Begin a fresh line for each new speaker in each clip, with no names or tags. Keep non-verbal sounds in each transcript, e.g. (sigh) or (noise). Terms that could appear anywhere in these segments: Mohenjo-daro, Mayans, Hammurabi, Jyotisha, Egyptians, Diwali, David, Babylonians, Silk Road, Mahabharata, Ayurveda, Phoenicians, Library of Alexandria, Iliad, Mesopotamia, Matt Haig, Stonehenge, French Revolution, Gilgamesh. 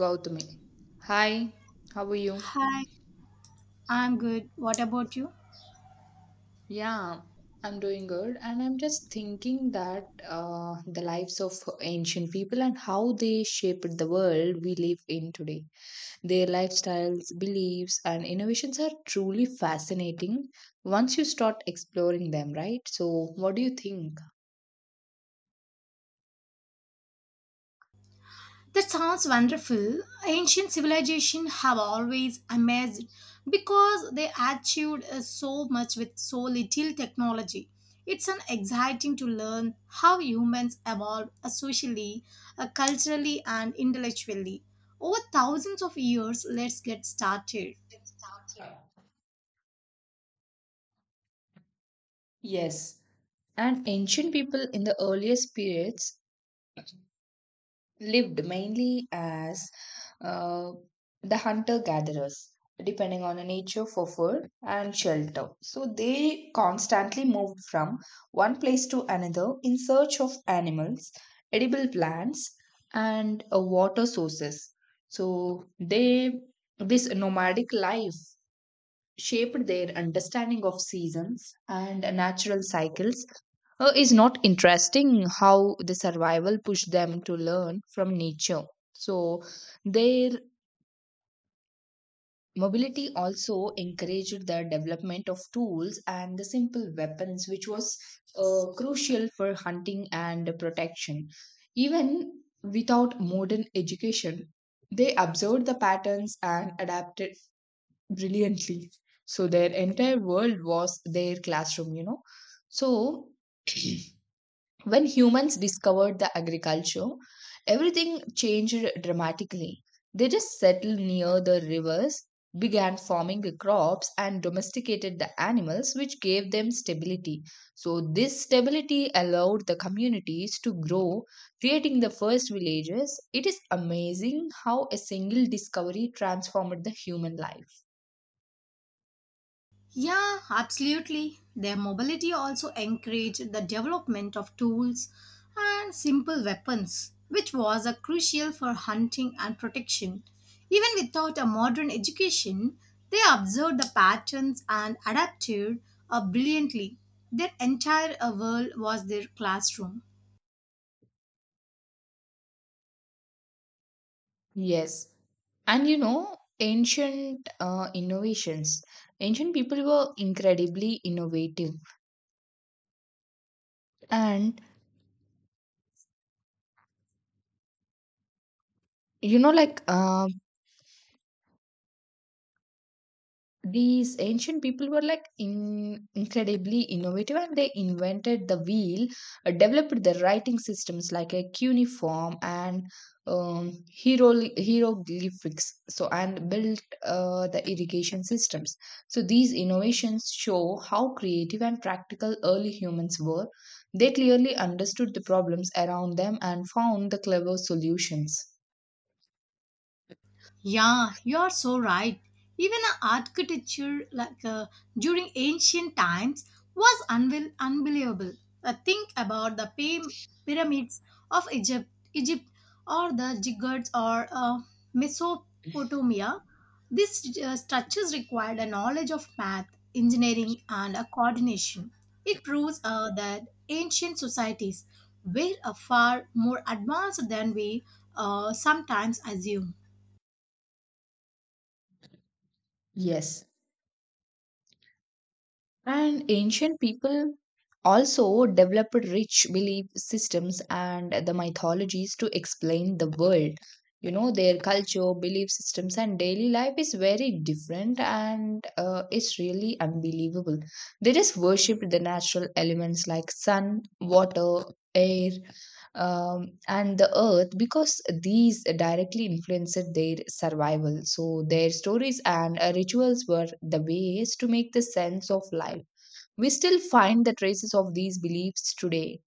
Gautami. Hi, how are you?
Hi, I'm good. What about you?
Yeah, I'm doing good, and I'm just thinking that the lives of ancient people and how they shaped the world we live in today. Their lifestyles, beliefs, and innovations are truly fascinating once you start exploring them, right? So, what do you think?
That sounds wonderful. Ancient civilization have always amazed because they achieved so much with so little technology. It's an exciting to learn how humans evolved socially, culturally, and intellectually over thousands of years. Let's get started.
Yes, and ancient people in the earliest periods lived mainly as uh, the hunter gatherers, depending on the nature for food and shelter. So they constantly moved from one place to another in search of animals, edible plants, and water sources. So they this nomadic life shaped their understanding of seasons and natural cycles. Is not interesting how the survival pushed them to learn from nature. So their mobility also encouraged the development of tools and the simple weapons, which was crucial for hunting and protection. Even without modern education, they observed the patterns and adapted brilliantly. So their entire world was their classroom. So when humans discovered the agriculture, everything changed dramatically. They just settled near the rivers, began farming the crops, and domesticated the animals, which gave them stability. So, this stability allowed the communities to grow, creating the first villages. It is amazing how a single discovery transformed the human life.
Yeah, absolutely. Their mobility also encouraged the development of tools and simple weapons, which was a crucial for hunting and protection. Even without a modern education, they observed the patterns and adapted brilliantly. Their entire world was their classroom.
Yes. And you know, ancient innovations. Ancient people were incredibly innovative. And you know, like, um these ancient people were like incredibly innovative, and they invented the wheel, developed the writing systems like a cuneiform and um, hieroglyphics, so and built the irrigation systems. So these innovations show how creative and practical early humans were. They clearly understood the problems around them and found the clever solutions.
Yeah, you are so right. Even a architecture like during ancient times was unbelievable. Think about the pyramids of Egypt, Egypt, or the ziggurats or Mesopotamia. These structures required a knowledge of math, engineering, and a coordination. It proves that ancient societies were far more advanced than we sometimes assume.
Yes. And ancient people also developed rich belief systems and the mythologies to explain the world. You know, their culture, belief systems, and daily life is very different and it's really unbelievable. They just worshipped the natural elements like sun, water, air, and the earth because these directly influenced their survival. So, their stories and rituals were the ways to make the sense of life. We still find the traces of these beliefs today.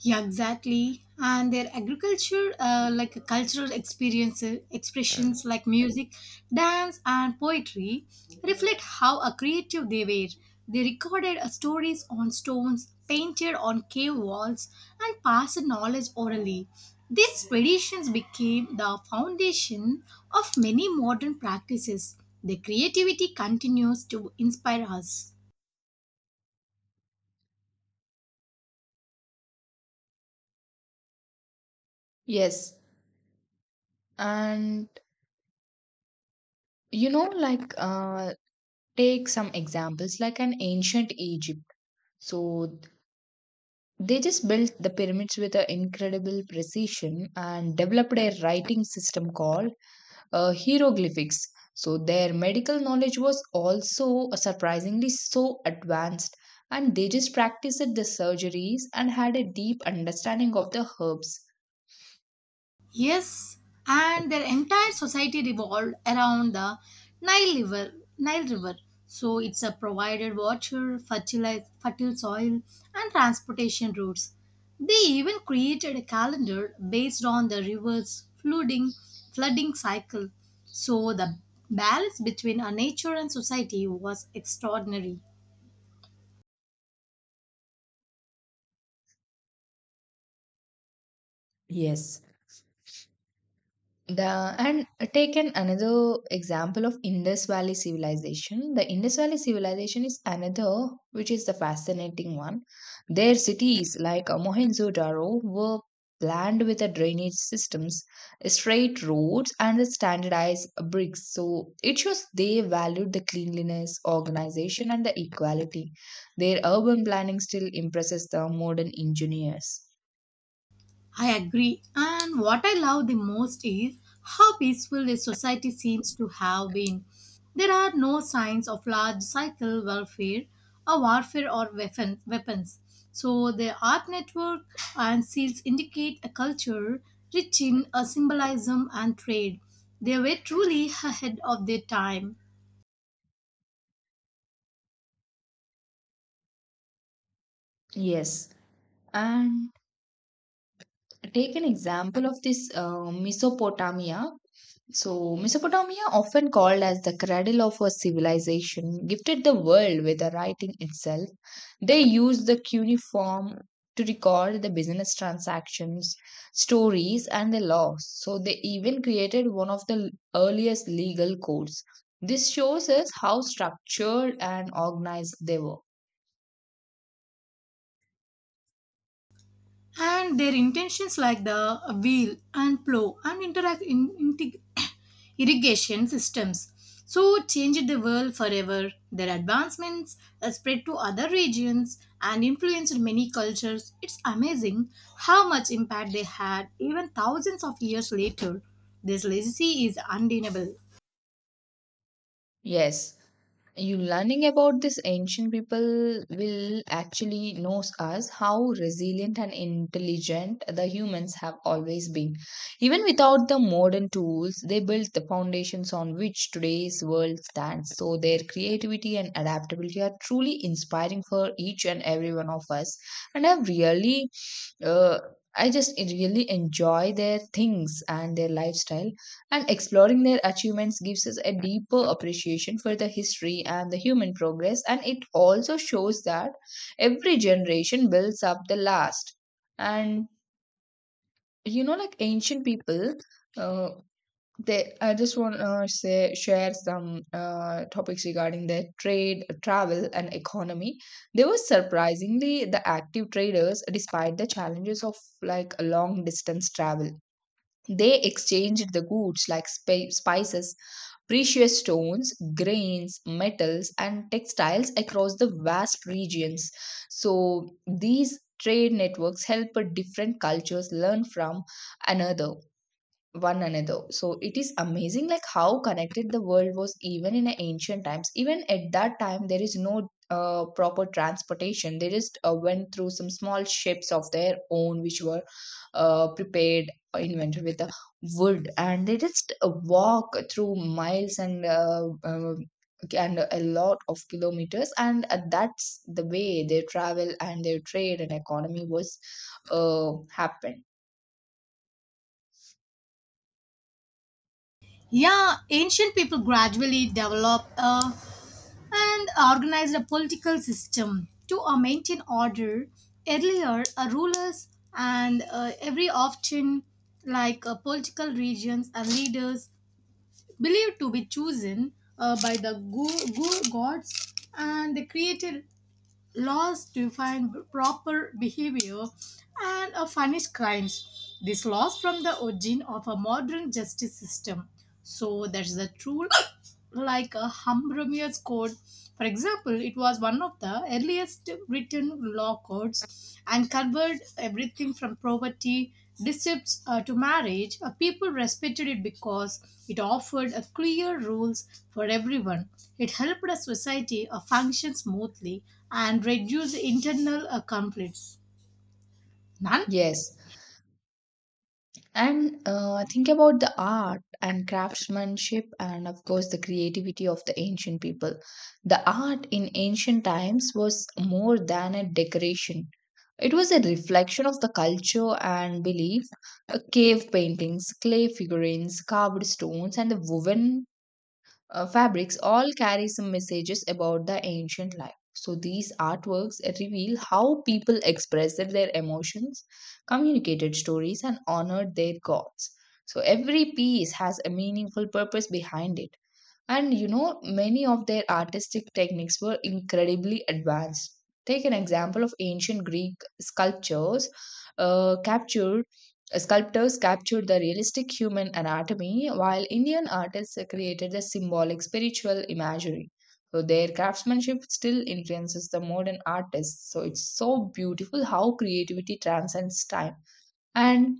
Yeah, exactly. And their agriculture, cultural experiences, expressions like music, dance, and poetry, reflect how creative they were. They recorded stories on stones, painted on cave walls, and passed knowledge orally. These traditions became the foundation of many modern practices. Their creativity continues to inspire us.
Yes, and you know, like, uh, take some examples, like an ancient Egypt. So they just built the pyramids with an incredible precision and developed a writing system called hieroglyphics. So their medical knowledge was also surprisingly so advanced, and they just practiced the surgeries and had a deep understanding of the herbs.
Yes, and their entire society revolved around the Nile River. Nile River. So it's a provided water, fertilize, fertile soil, and transportation routes. They even created a calendar based on the river's flooding, flooding cycle. So the balance between a nature and society was extraordinary.
Yes. The And take an another example of Indus Valley civilization. The Indus Valley civilization is another which is the fascinating one. Their cities like Mohenjo-daro were planned with the drainage systems, straight roads, and the standardized bricks. So it shows they valued the cleanliness, organization, and the equality. Their urban planning still impresses the modern engineers.
I agree. And what I love the most is how peaceful the society seems to have been. There are no signs of large cycle warfare or warfare or weapon, weapons. So the art network and seals indicate a culture rich in a symbolism and trade. They were truly ahead of their time.
Yes. And take an example of this Mesopotamia. So, Mesopotamia, often called as the cradle of a civilization, gifted the world with the writing itself. They used the cuneiform to record the business transactions, stories, and the laws. So, they even created one of the earliest legal codes. This shows us how structured and organized they were.
And their intentions like the wheel and plow and interact in, (coughs) irrigation systems so changed the world forever. Their advancements spread to other regions and influenced many cultures. It's amazing how much impact they had even thousands of years later. This legacy is undeniable.
Yes, you learning about this ancient people will actually knows us how resilient and intelligent the humans have always been. Even without the modern tools, they built the foundations on which today's world stands. So their creativity and adaptability are truly inspiring for each and every one of us, and have really uh, I just really enjoy their things and their lifestyle, and exploring their achievements gives us a deeper appreciation for the history and the human progress. And it also shows that every generation builds up the last. And you know, like ancient people, uh, I just want to say share some topics regarding their trade, travel, and economy. They were surprisingly the active traders despite the challenges of like a long distance travel. They exchanged the goods like spices, precious stones, grains, metals, and textiles across the vast regions. So these trade networks help different cultures learn from another one another. So it is amazing like how connected the world was even in the ancient times. Even at that time, there is no proper transportation. They just went through some small ships of their own, which were prepared, or invented with the wood, and they just walk through miles and. And a lot of kilometers, and that's the way they travel and their trade and economy was happened.
Yeah, ancient people gradually developed a and organized a political system to maintain order. Earlier, rulers and every often like political regions and leaders believed to be chosen by the gods, and they created laws define proper behavior and punish crimes. This laws from the origin of a modern justice system. So that's the true (coughs) like a Hammurabi's code. For example, it was one of the earliest written law codes and covered everything from poverty Decepts to marriage, people respected it because it offered a clear rules for everyone. It helped a society function smoothly and reduce internal conflicts. None.
Yes. And think about the art and craftsmanship, and of course, the creativity of the ancient people. The art in ancient times was more than a decoration, it was a reflection of the culture and belief. Cave paintings, clay figurines, carved stones, and the woven fabrics all carry some messages about the ancient life. So these artworks reveal how people expressed their emotions, communicated stories, and honored their gods. So every piece has a meaningful purpose behind it. And you know, many of their artistic techniques were incredibly advanced. Take an example of ancient Greek sculptures, captured sculptors captured the realistic human anatomy, while Indian artists created the symbolic spiritual imagery. So their craftsmanship still influences the modern artists. So it's so beautiful how creativity transcends time. And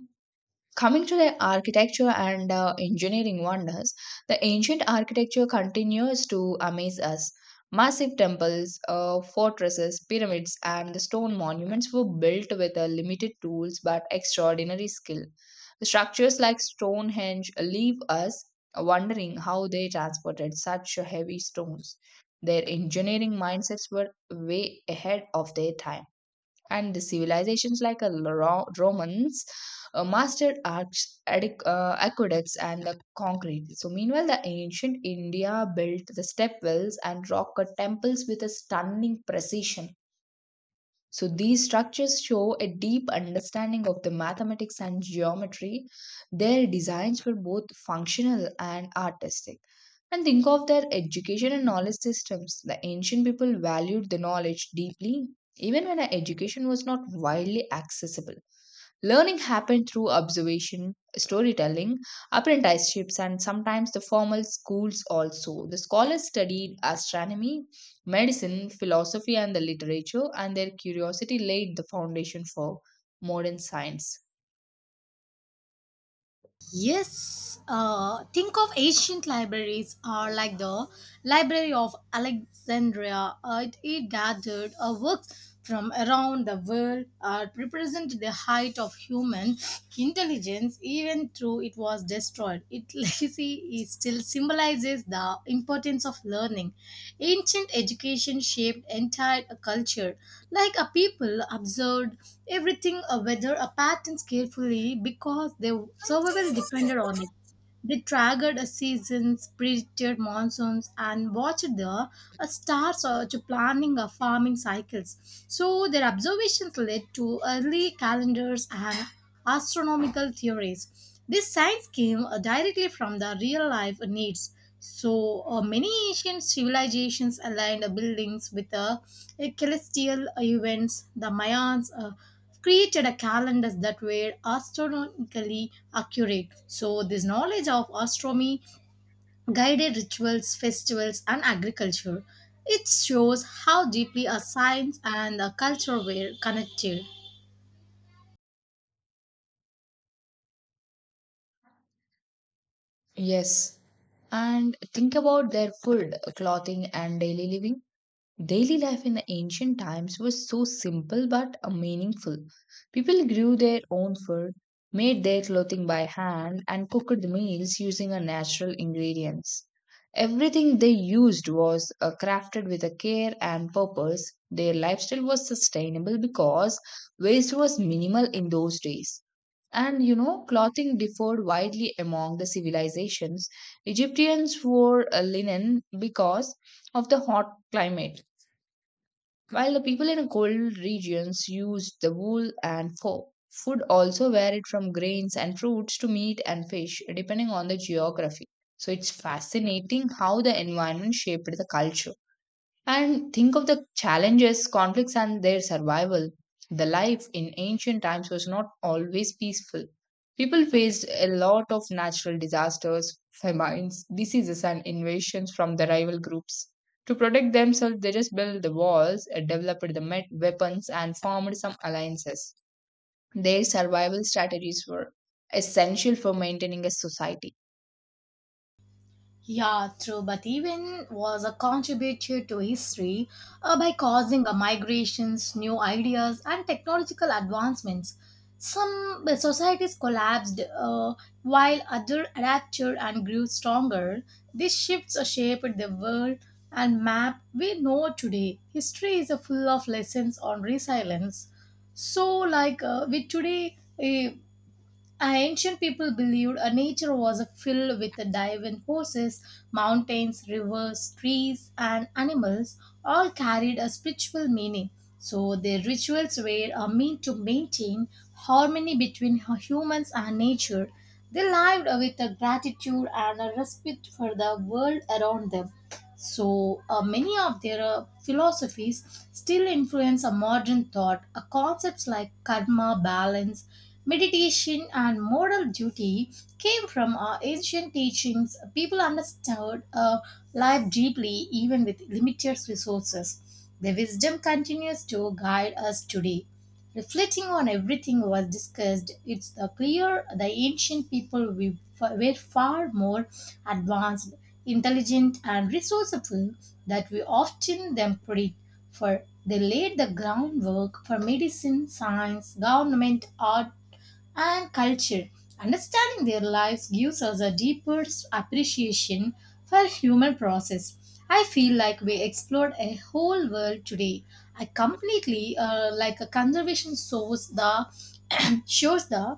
coming to the architecture and engineering wonders, the ancient architecture continues to amaze us. Massive temples, fortresses, pyramids, and the stone monuments were built with limited tools but extraordinary skill. Structures like Stonehenge leave us wondering how they transported such heavy stones. Their engineering mindsets were way ahead of their time, and the civilizations like Romans mastered aqueducts and the concrete. So, meanwhile, the ancient India built the step wells and rock cut temples with a stunning precision. So these structures show a deep understanding of the mathematics and geometry. Their designs were both functional and artistic. And think of their education and knowledge systems. The ancient people valued the knowledge deeply, even when education was not widely accessible. Learning happened through observation, storytelling, apprenticeships, and sometimes the formal schools also. The scholars studied astronomy, medicine, philosophy, and the literature, and their curiosity laid the foundation for modern science.
Yes, think of ancient libraries are like the Library of Alexandria. It gathered works from around the world, represent the height of human intelligence, even though it was destroyed, its legacy is (laughs) still symbolizes the importance of learning. Ancient education shaped entire culture, like a people observed everything, a weather, a patterns carefully because their survival depended on it. They tracked seasons, predicted monsoons, and watched the stars to planning farming cycles. So their observations led to early calendars and astronomical theories. This science came directly from the real life needs. So many ancient civilizations aligned buildings with celestial events. The Mayans. Created a calendars that were astronomically accurate. So this knowledge of astronomy guided rituals, festivals, and agriculture. It shows how deeply a science and a culture were connected.
Yes. And think about their food, clothing, and daily living. Daily life in ancient times was so simple but meaningful. People grew their own food, made their clothing by hand, and cooked meals using a natural ingredients. Everything they used was crafted with a care and purpose. Their lifestyle was sustainable because waste was minimal in those days. And you know, clothing differed widely among the civilizations. Egyptians wore linen because of the hot climate, while the people in cold regions used the wool, and food also varied from grains and fruits to meat and fish, depending on the geography. So it's fascinating how the environment shaped the culture. And think of the challenges, conflicts, and their survival. The life in ancient times was not always peaceful. People faced a lot of natural disasters, famines, diseases, and invasions from the rival groups. To protect themselves, they just built the walls, developed the weapons, and formed some alliances. Their survival strategies were essential for maintaining a society.
Yeah, true, but even was a contributor to history by causing migrations, new ideas, and technological advancements. Some societies collapsed while others adapted and grew stronger. These shifts shaped the world and map we know today. History is full of lessons on resilience. So, with today, ancient people believed nature was filled with divine forces, mountains, rivers, trees, and animals all carried a spiritual meaning. So their rituals were a mean to maintain harmony between humans and nature. They lived with a gratitude and a respect for the world around them. So many of their philosophies still influence a modern thought. Concepts like karma, balance, meditation and moral duty came from our ancient teachings. People understood life deeply even with limited resources. The wisdom continues to guide us today. Reflecting on everything was discussed, it's clear the ancient people were far more advanced, intelligent, and resourceful that we often them credit for. They laid the groundwork for medicine, science, government, art, and culture. Understanding their lives gives us a deeper appreciation for human process. I feel like we explored a whole world today. I completely like a conservation source the (clears throat) shows the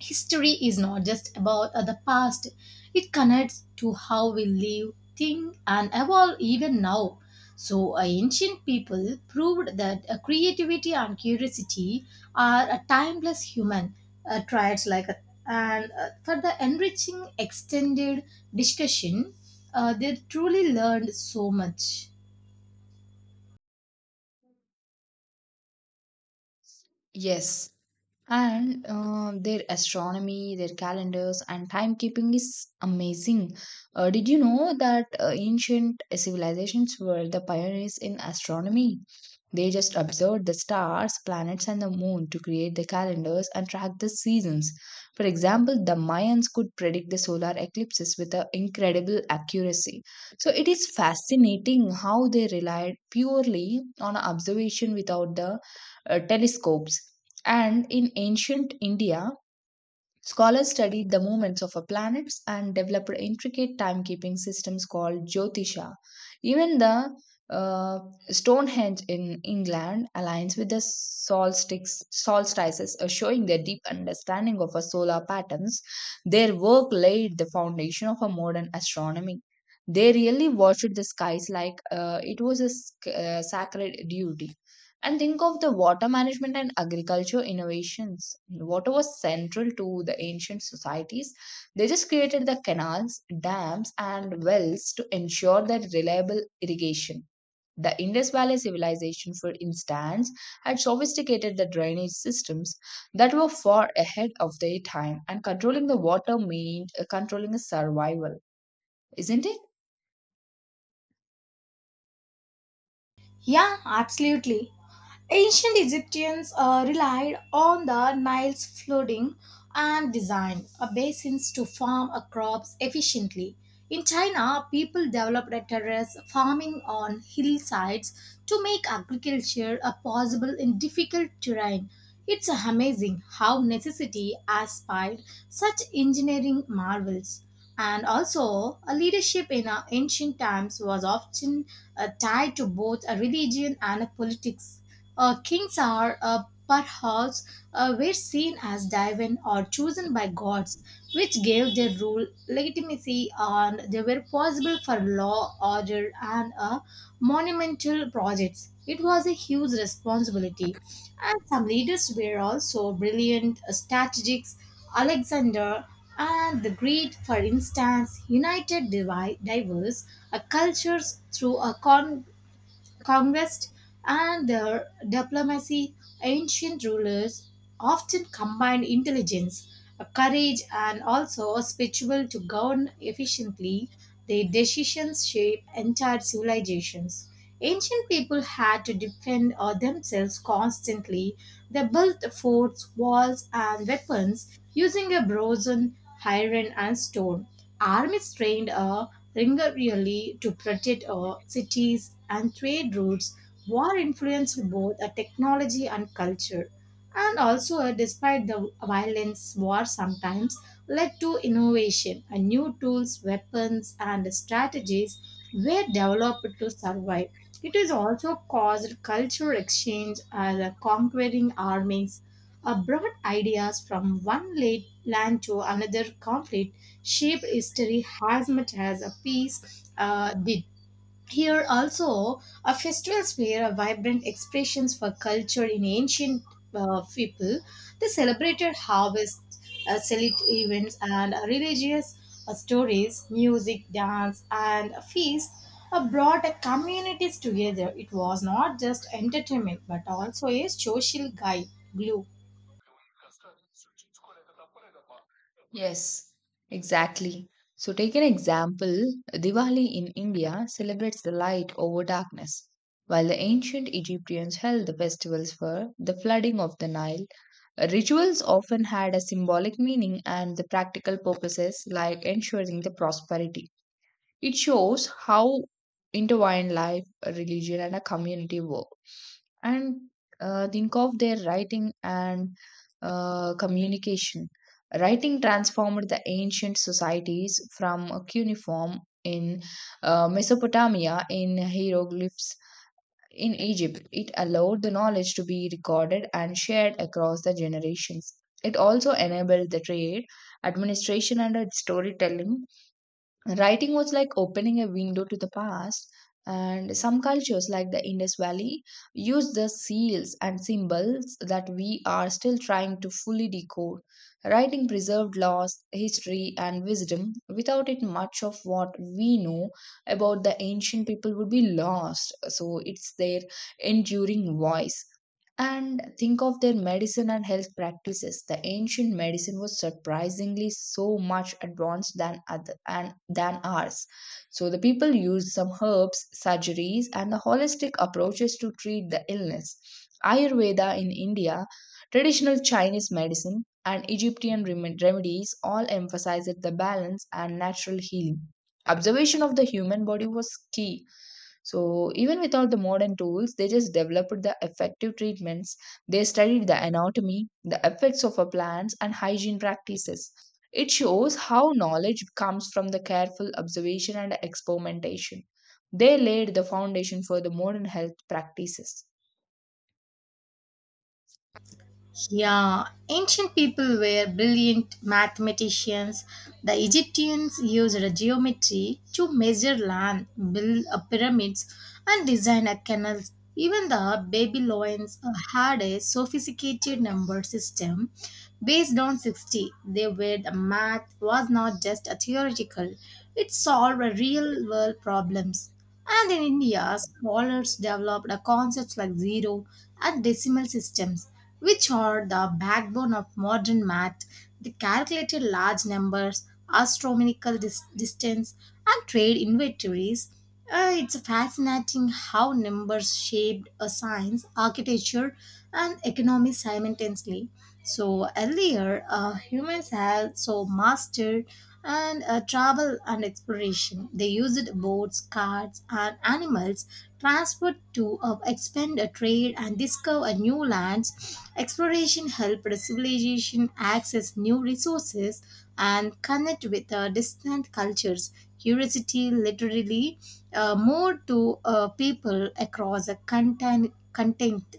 history is not just about the past, it connects to how we live, think, and evolve even now. So, ancient people proved that creativity and curiosity are a timeless human traits, and for the enriching extended discussion, they truly learned so much.
Yes, and their astronomy, their calendars and timekeeping is amazing. Did you know that ancient civilizations were the pioneers in astronomy? They just observed the stars, planets, and the moon to create the calendars and track the seasons. For example, the Mayans could predict the solar eclipses with a incredible accuracy. So it is fascinating how they relied purely on observation without the telescopes. And in ancient India, scholars studied the movements of a planets and developed intricate timekeeping systems called Jyotisha. Even the uh, Stonehenge in England aligns with the solstices, showing their deep understanding of our solar patterns. Their work laid the foundation of a modern astronomy. They really watched the skies like it was a sacred duty. And think of the water management and agriculture innovations. Water was central to the ancient societies. They just created the canals, dams, and wells to ensure that reliable irrigation. The Indus Valley civilization, for instance, had sophisticated the drainage systems that were far ahead of their time, and controlling the water meant controlling the survival, isn't it?
Yeah, absolutely. Ancient Egyptians relied on the Nile's flooding and designed basins to farm crops efficiently. In China, people developed a terrace farming on hillsides to make agriculture possible in difficult terrain. It's amazing how necessity aspired such engineering marvels. And also, a leadership in ancient times was often tied to both a religion and a politics. Kings are perhaps were seen as divine or chosen by gods, which gave their rule legitimacy and they were possible for law, order, and monumental projects. It was a huge responsibility. And some leaders were also brilliant strategists. Alexander and the Great, for instance, united diverse cultures through a conquest, and their diplomacy, ancient rulers often combined intelligence, courage, and also spiritual to govern efficiently. Their decisions shape entire civilizations. Ancient people had to defend themselves constantly. They built forts, walls, and weapons using a bronze, iron, and stone. Armies trained Ringarealli to protect our cities and trade routes. War influenced both a technology and culture. And also despite the violence, war sometimes led to innovation and new tools, weapons and strategies were developed to survive. It has also caused cultural exchange as a conquering armies brought ideas from one land to another. Conflict shaped history as much as a piece did. Here also, festivals were a vibrant expressions for culture in ancient people. They celebrated harvests, select events, and religious stories, music, dance, and feasts. Brought communities together. It was not just entertainment, but also a social guide glue.
Yes, exactly. So, take an example Diwali in India celebrates the light over darkness, while the ancient Egyptians held the festivals for the flooding of the Nile. Rituals often had a symbolic meaning and the practical purposes like ensuring the prosperity. It shows how intertwined life, religion, and a community work. And think of their writing and communication. Writing transformed the ancient societies from a cuneiform in Mesopotamia in hieroglyphs in Egypt. It allowed the knowledge to be recorded and shared across the generations. It also enabled the trade, administration, and storytelling. Writing was like opening a window to the past, and some cultures, like the Indus Valley, use the seals and symbols that we are still trying to fully decode. Writing preserved laws, history, and wisdom. Without it, much of what we know about the ancient people would be lost. So, it's their enduring voice. And think of their medicine and health practices. The ancient medicine was surprisingly so much advanced than other and than ours. So the people used some herbs, surgeries, and the holistic approaches to treat the illness. Ayurveda in India, traditional Chinese medicine, and Egyptian remedies all emphasized the balance and natural healing. Observation of the human body was key, so even with all the modern tools, they just developed the effective treatments. They studied the anatomy, the effects of our plants, and hygiene practices. It shows how knowledge comes from the careful observation and experimentation. They laid the foundation for the modern health practices.
Yeah, ancient people were brilliant mathematicians. The Egyptians used geometry to measure land, build a pyramids, and design a canals. Even the Babylonians had a sophisticated number system based on 60, they were the math was not just a theoretical, it solved real world problems. And in India, scholars developed a concepts like zero and decimal systems, which are the backbone of modern math. They calculated large numbers, astronomical distance, and trade inventories. It's fascinating how numbers shaped a science, architecture, and economy simultaneously. So earlier, humans had so mastered and travel and exploration. They used boats, carts, and animals transport to expand a trade and discover new lands. Exploration helped civilization access new resources and connect with distant cultures. Curiosity literally more to people across a content, content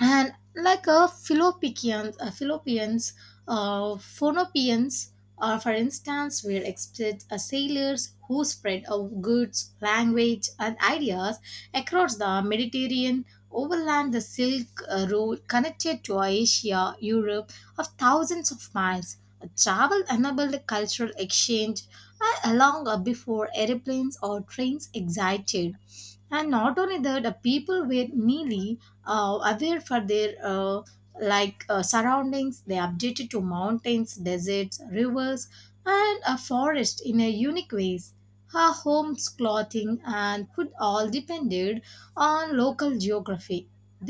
and like a Philopicians, Philoppians, Phonopians, for instance, will expect sailors who spread of goods, language, and ideas across the Mediterranean, overland the Silk Road connected to Asia, Europe, of thousands of miles. Travel enabled cultural exchange along before airplanes or trains existed. And not only that, the people were nearly aware for their surroundings. They updated to mountains, deserts, rivers and a forest in a unique ways. Her home's clothing and food all depended on local geography.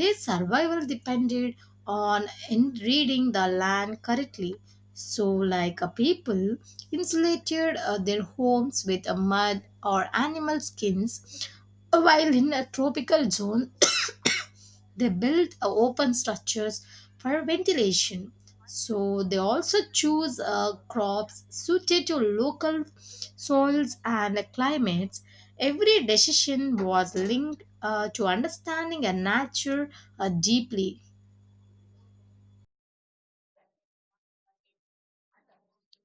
Their survival depended on in reading the land correctly. So like a people insulated their homes with mud or animal skins, while in a tropical zone, they build open structures for ventilation. So they also choose crops suited to local soils and climates. Every decision was linked to understanding a nature deeply.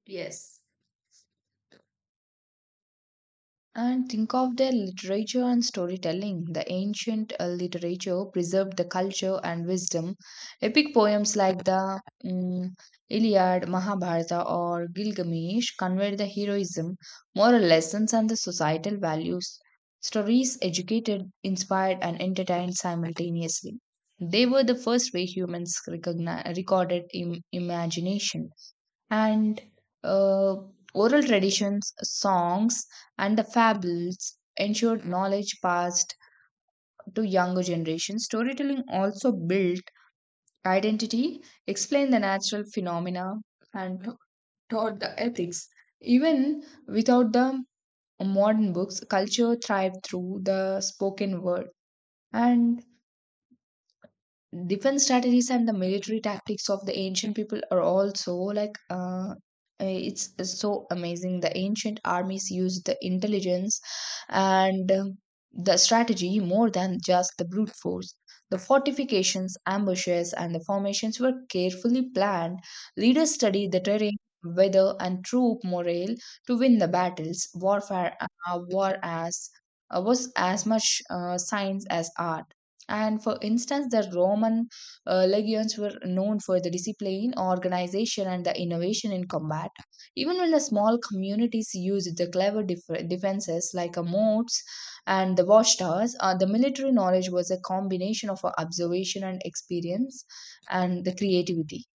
Yes. And think of their literature and storytelling. The ancient literature preserved the culture and wisdom. Epic poems like the Iliad, Mahabharata, or Gilgamesh conveyed the heroism, moral lessons, and the societal values. Stories educated, inspired, and entertained simultaneously. They were the first way humans recorded imagination, and uh, oral traditions, songs, and the fables ensured knowledge passed to younger generations. Storytelling also built identity, explained the natural phenomena, and taught the ethics. Even without the modern books, culture thrived through the spoken word. And defense strategies and the military tactics of the ancient people are also like, it's so amazing. The ancient armies used the intelligence and the strategy more than just the brute force. The fortifications, ambushes, and the formations were carefully planned. Leaders studied the terrain, weather, and troop morale to win the battles. War as was as much science as art. And for instance, the Roman legions were known for the discipline, organization, and the innovation in combat. Even when the small communities used the clever defenses like a moats and the watchtowers, the military knowledge was a combination of observation and experience and the creativity.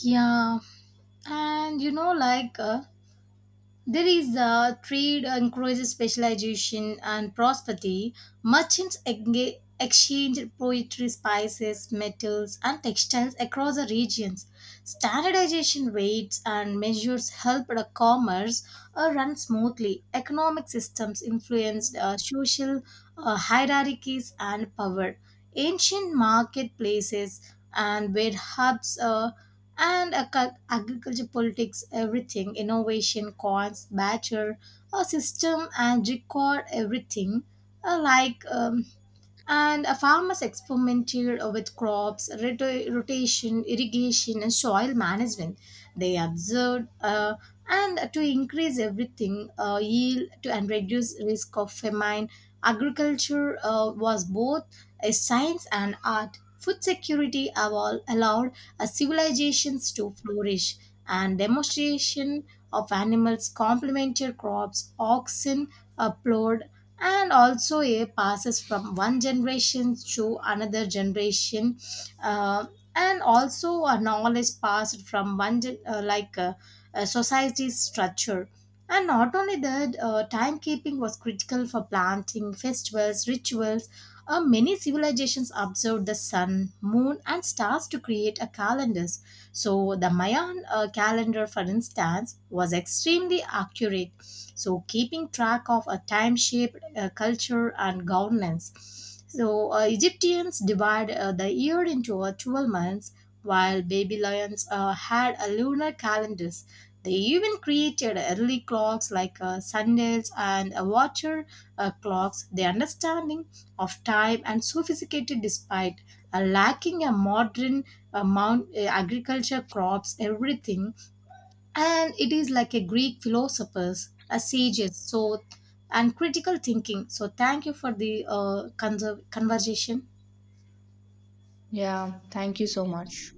Yeah, and you know, like. There is trade encourages specialization and prosperity. Merchants exchange poetry, spices, metals, and textiles across the regions. Standardization rates and measures help the commerce run smoothly. Economic systems influenced social hierarchies and power. Ancient marketplaces and were hubs. Agriculture politics everything innovation coins, batcher a system and record everything uh, like um, and farmers experimented with crops, rotation, irrigation, and soil management. They observed and to increase everything yield to and reduce risk of famine. Agriculture was both a science and art. Food security allowed civilizations to flourish, and demonstration of animals complemented crops. Oxen plowed and also it passes from one generation to another generation, uh, and also a knowledge passed from one a society's structure. And not only that, timekeeping was critical for planting festivals rituals. Many civilizations observed the sun, moon and stars to create a calendars. So the Mayan calendar, for instance, was extremely accurate. So keeping track of a time shape culture, and governance. So, Egyptians divide the year into 12 months, while Babylonians had a lunar calendars. They even created early clocks like sundials and water clocks. Their understanding of time and sophisticated despite lacking a modern amount agriculture crops everything. And it is like a Greek philosopher's, a sage's, so and critical thinking. So thank you for the conversation.
Yeah, thank you so much.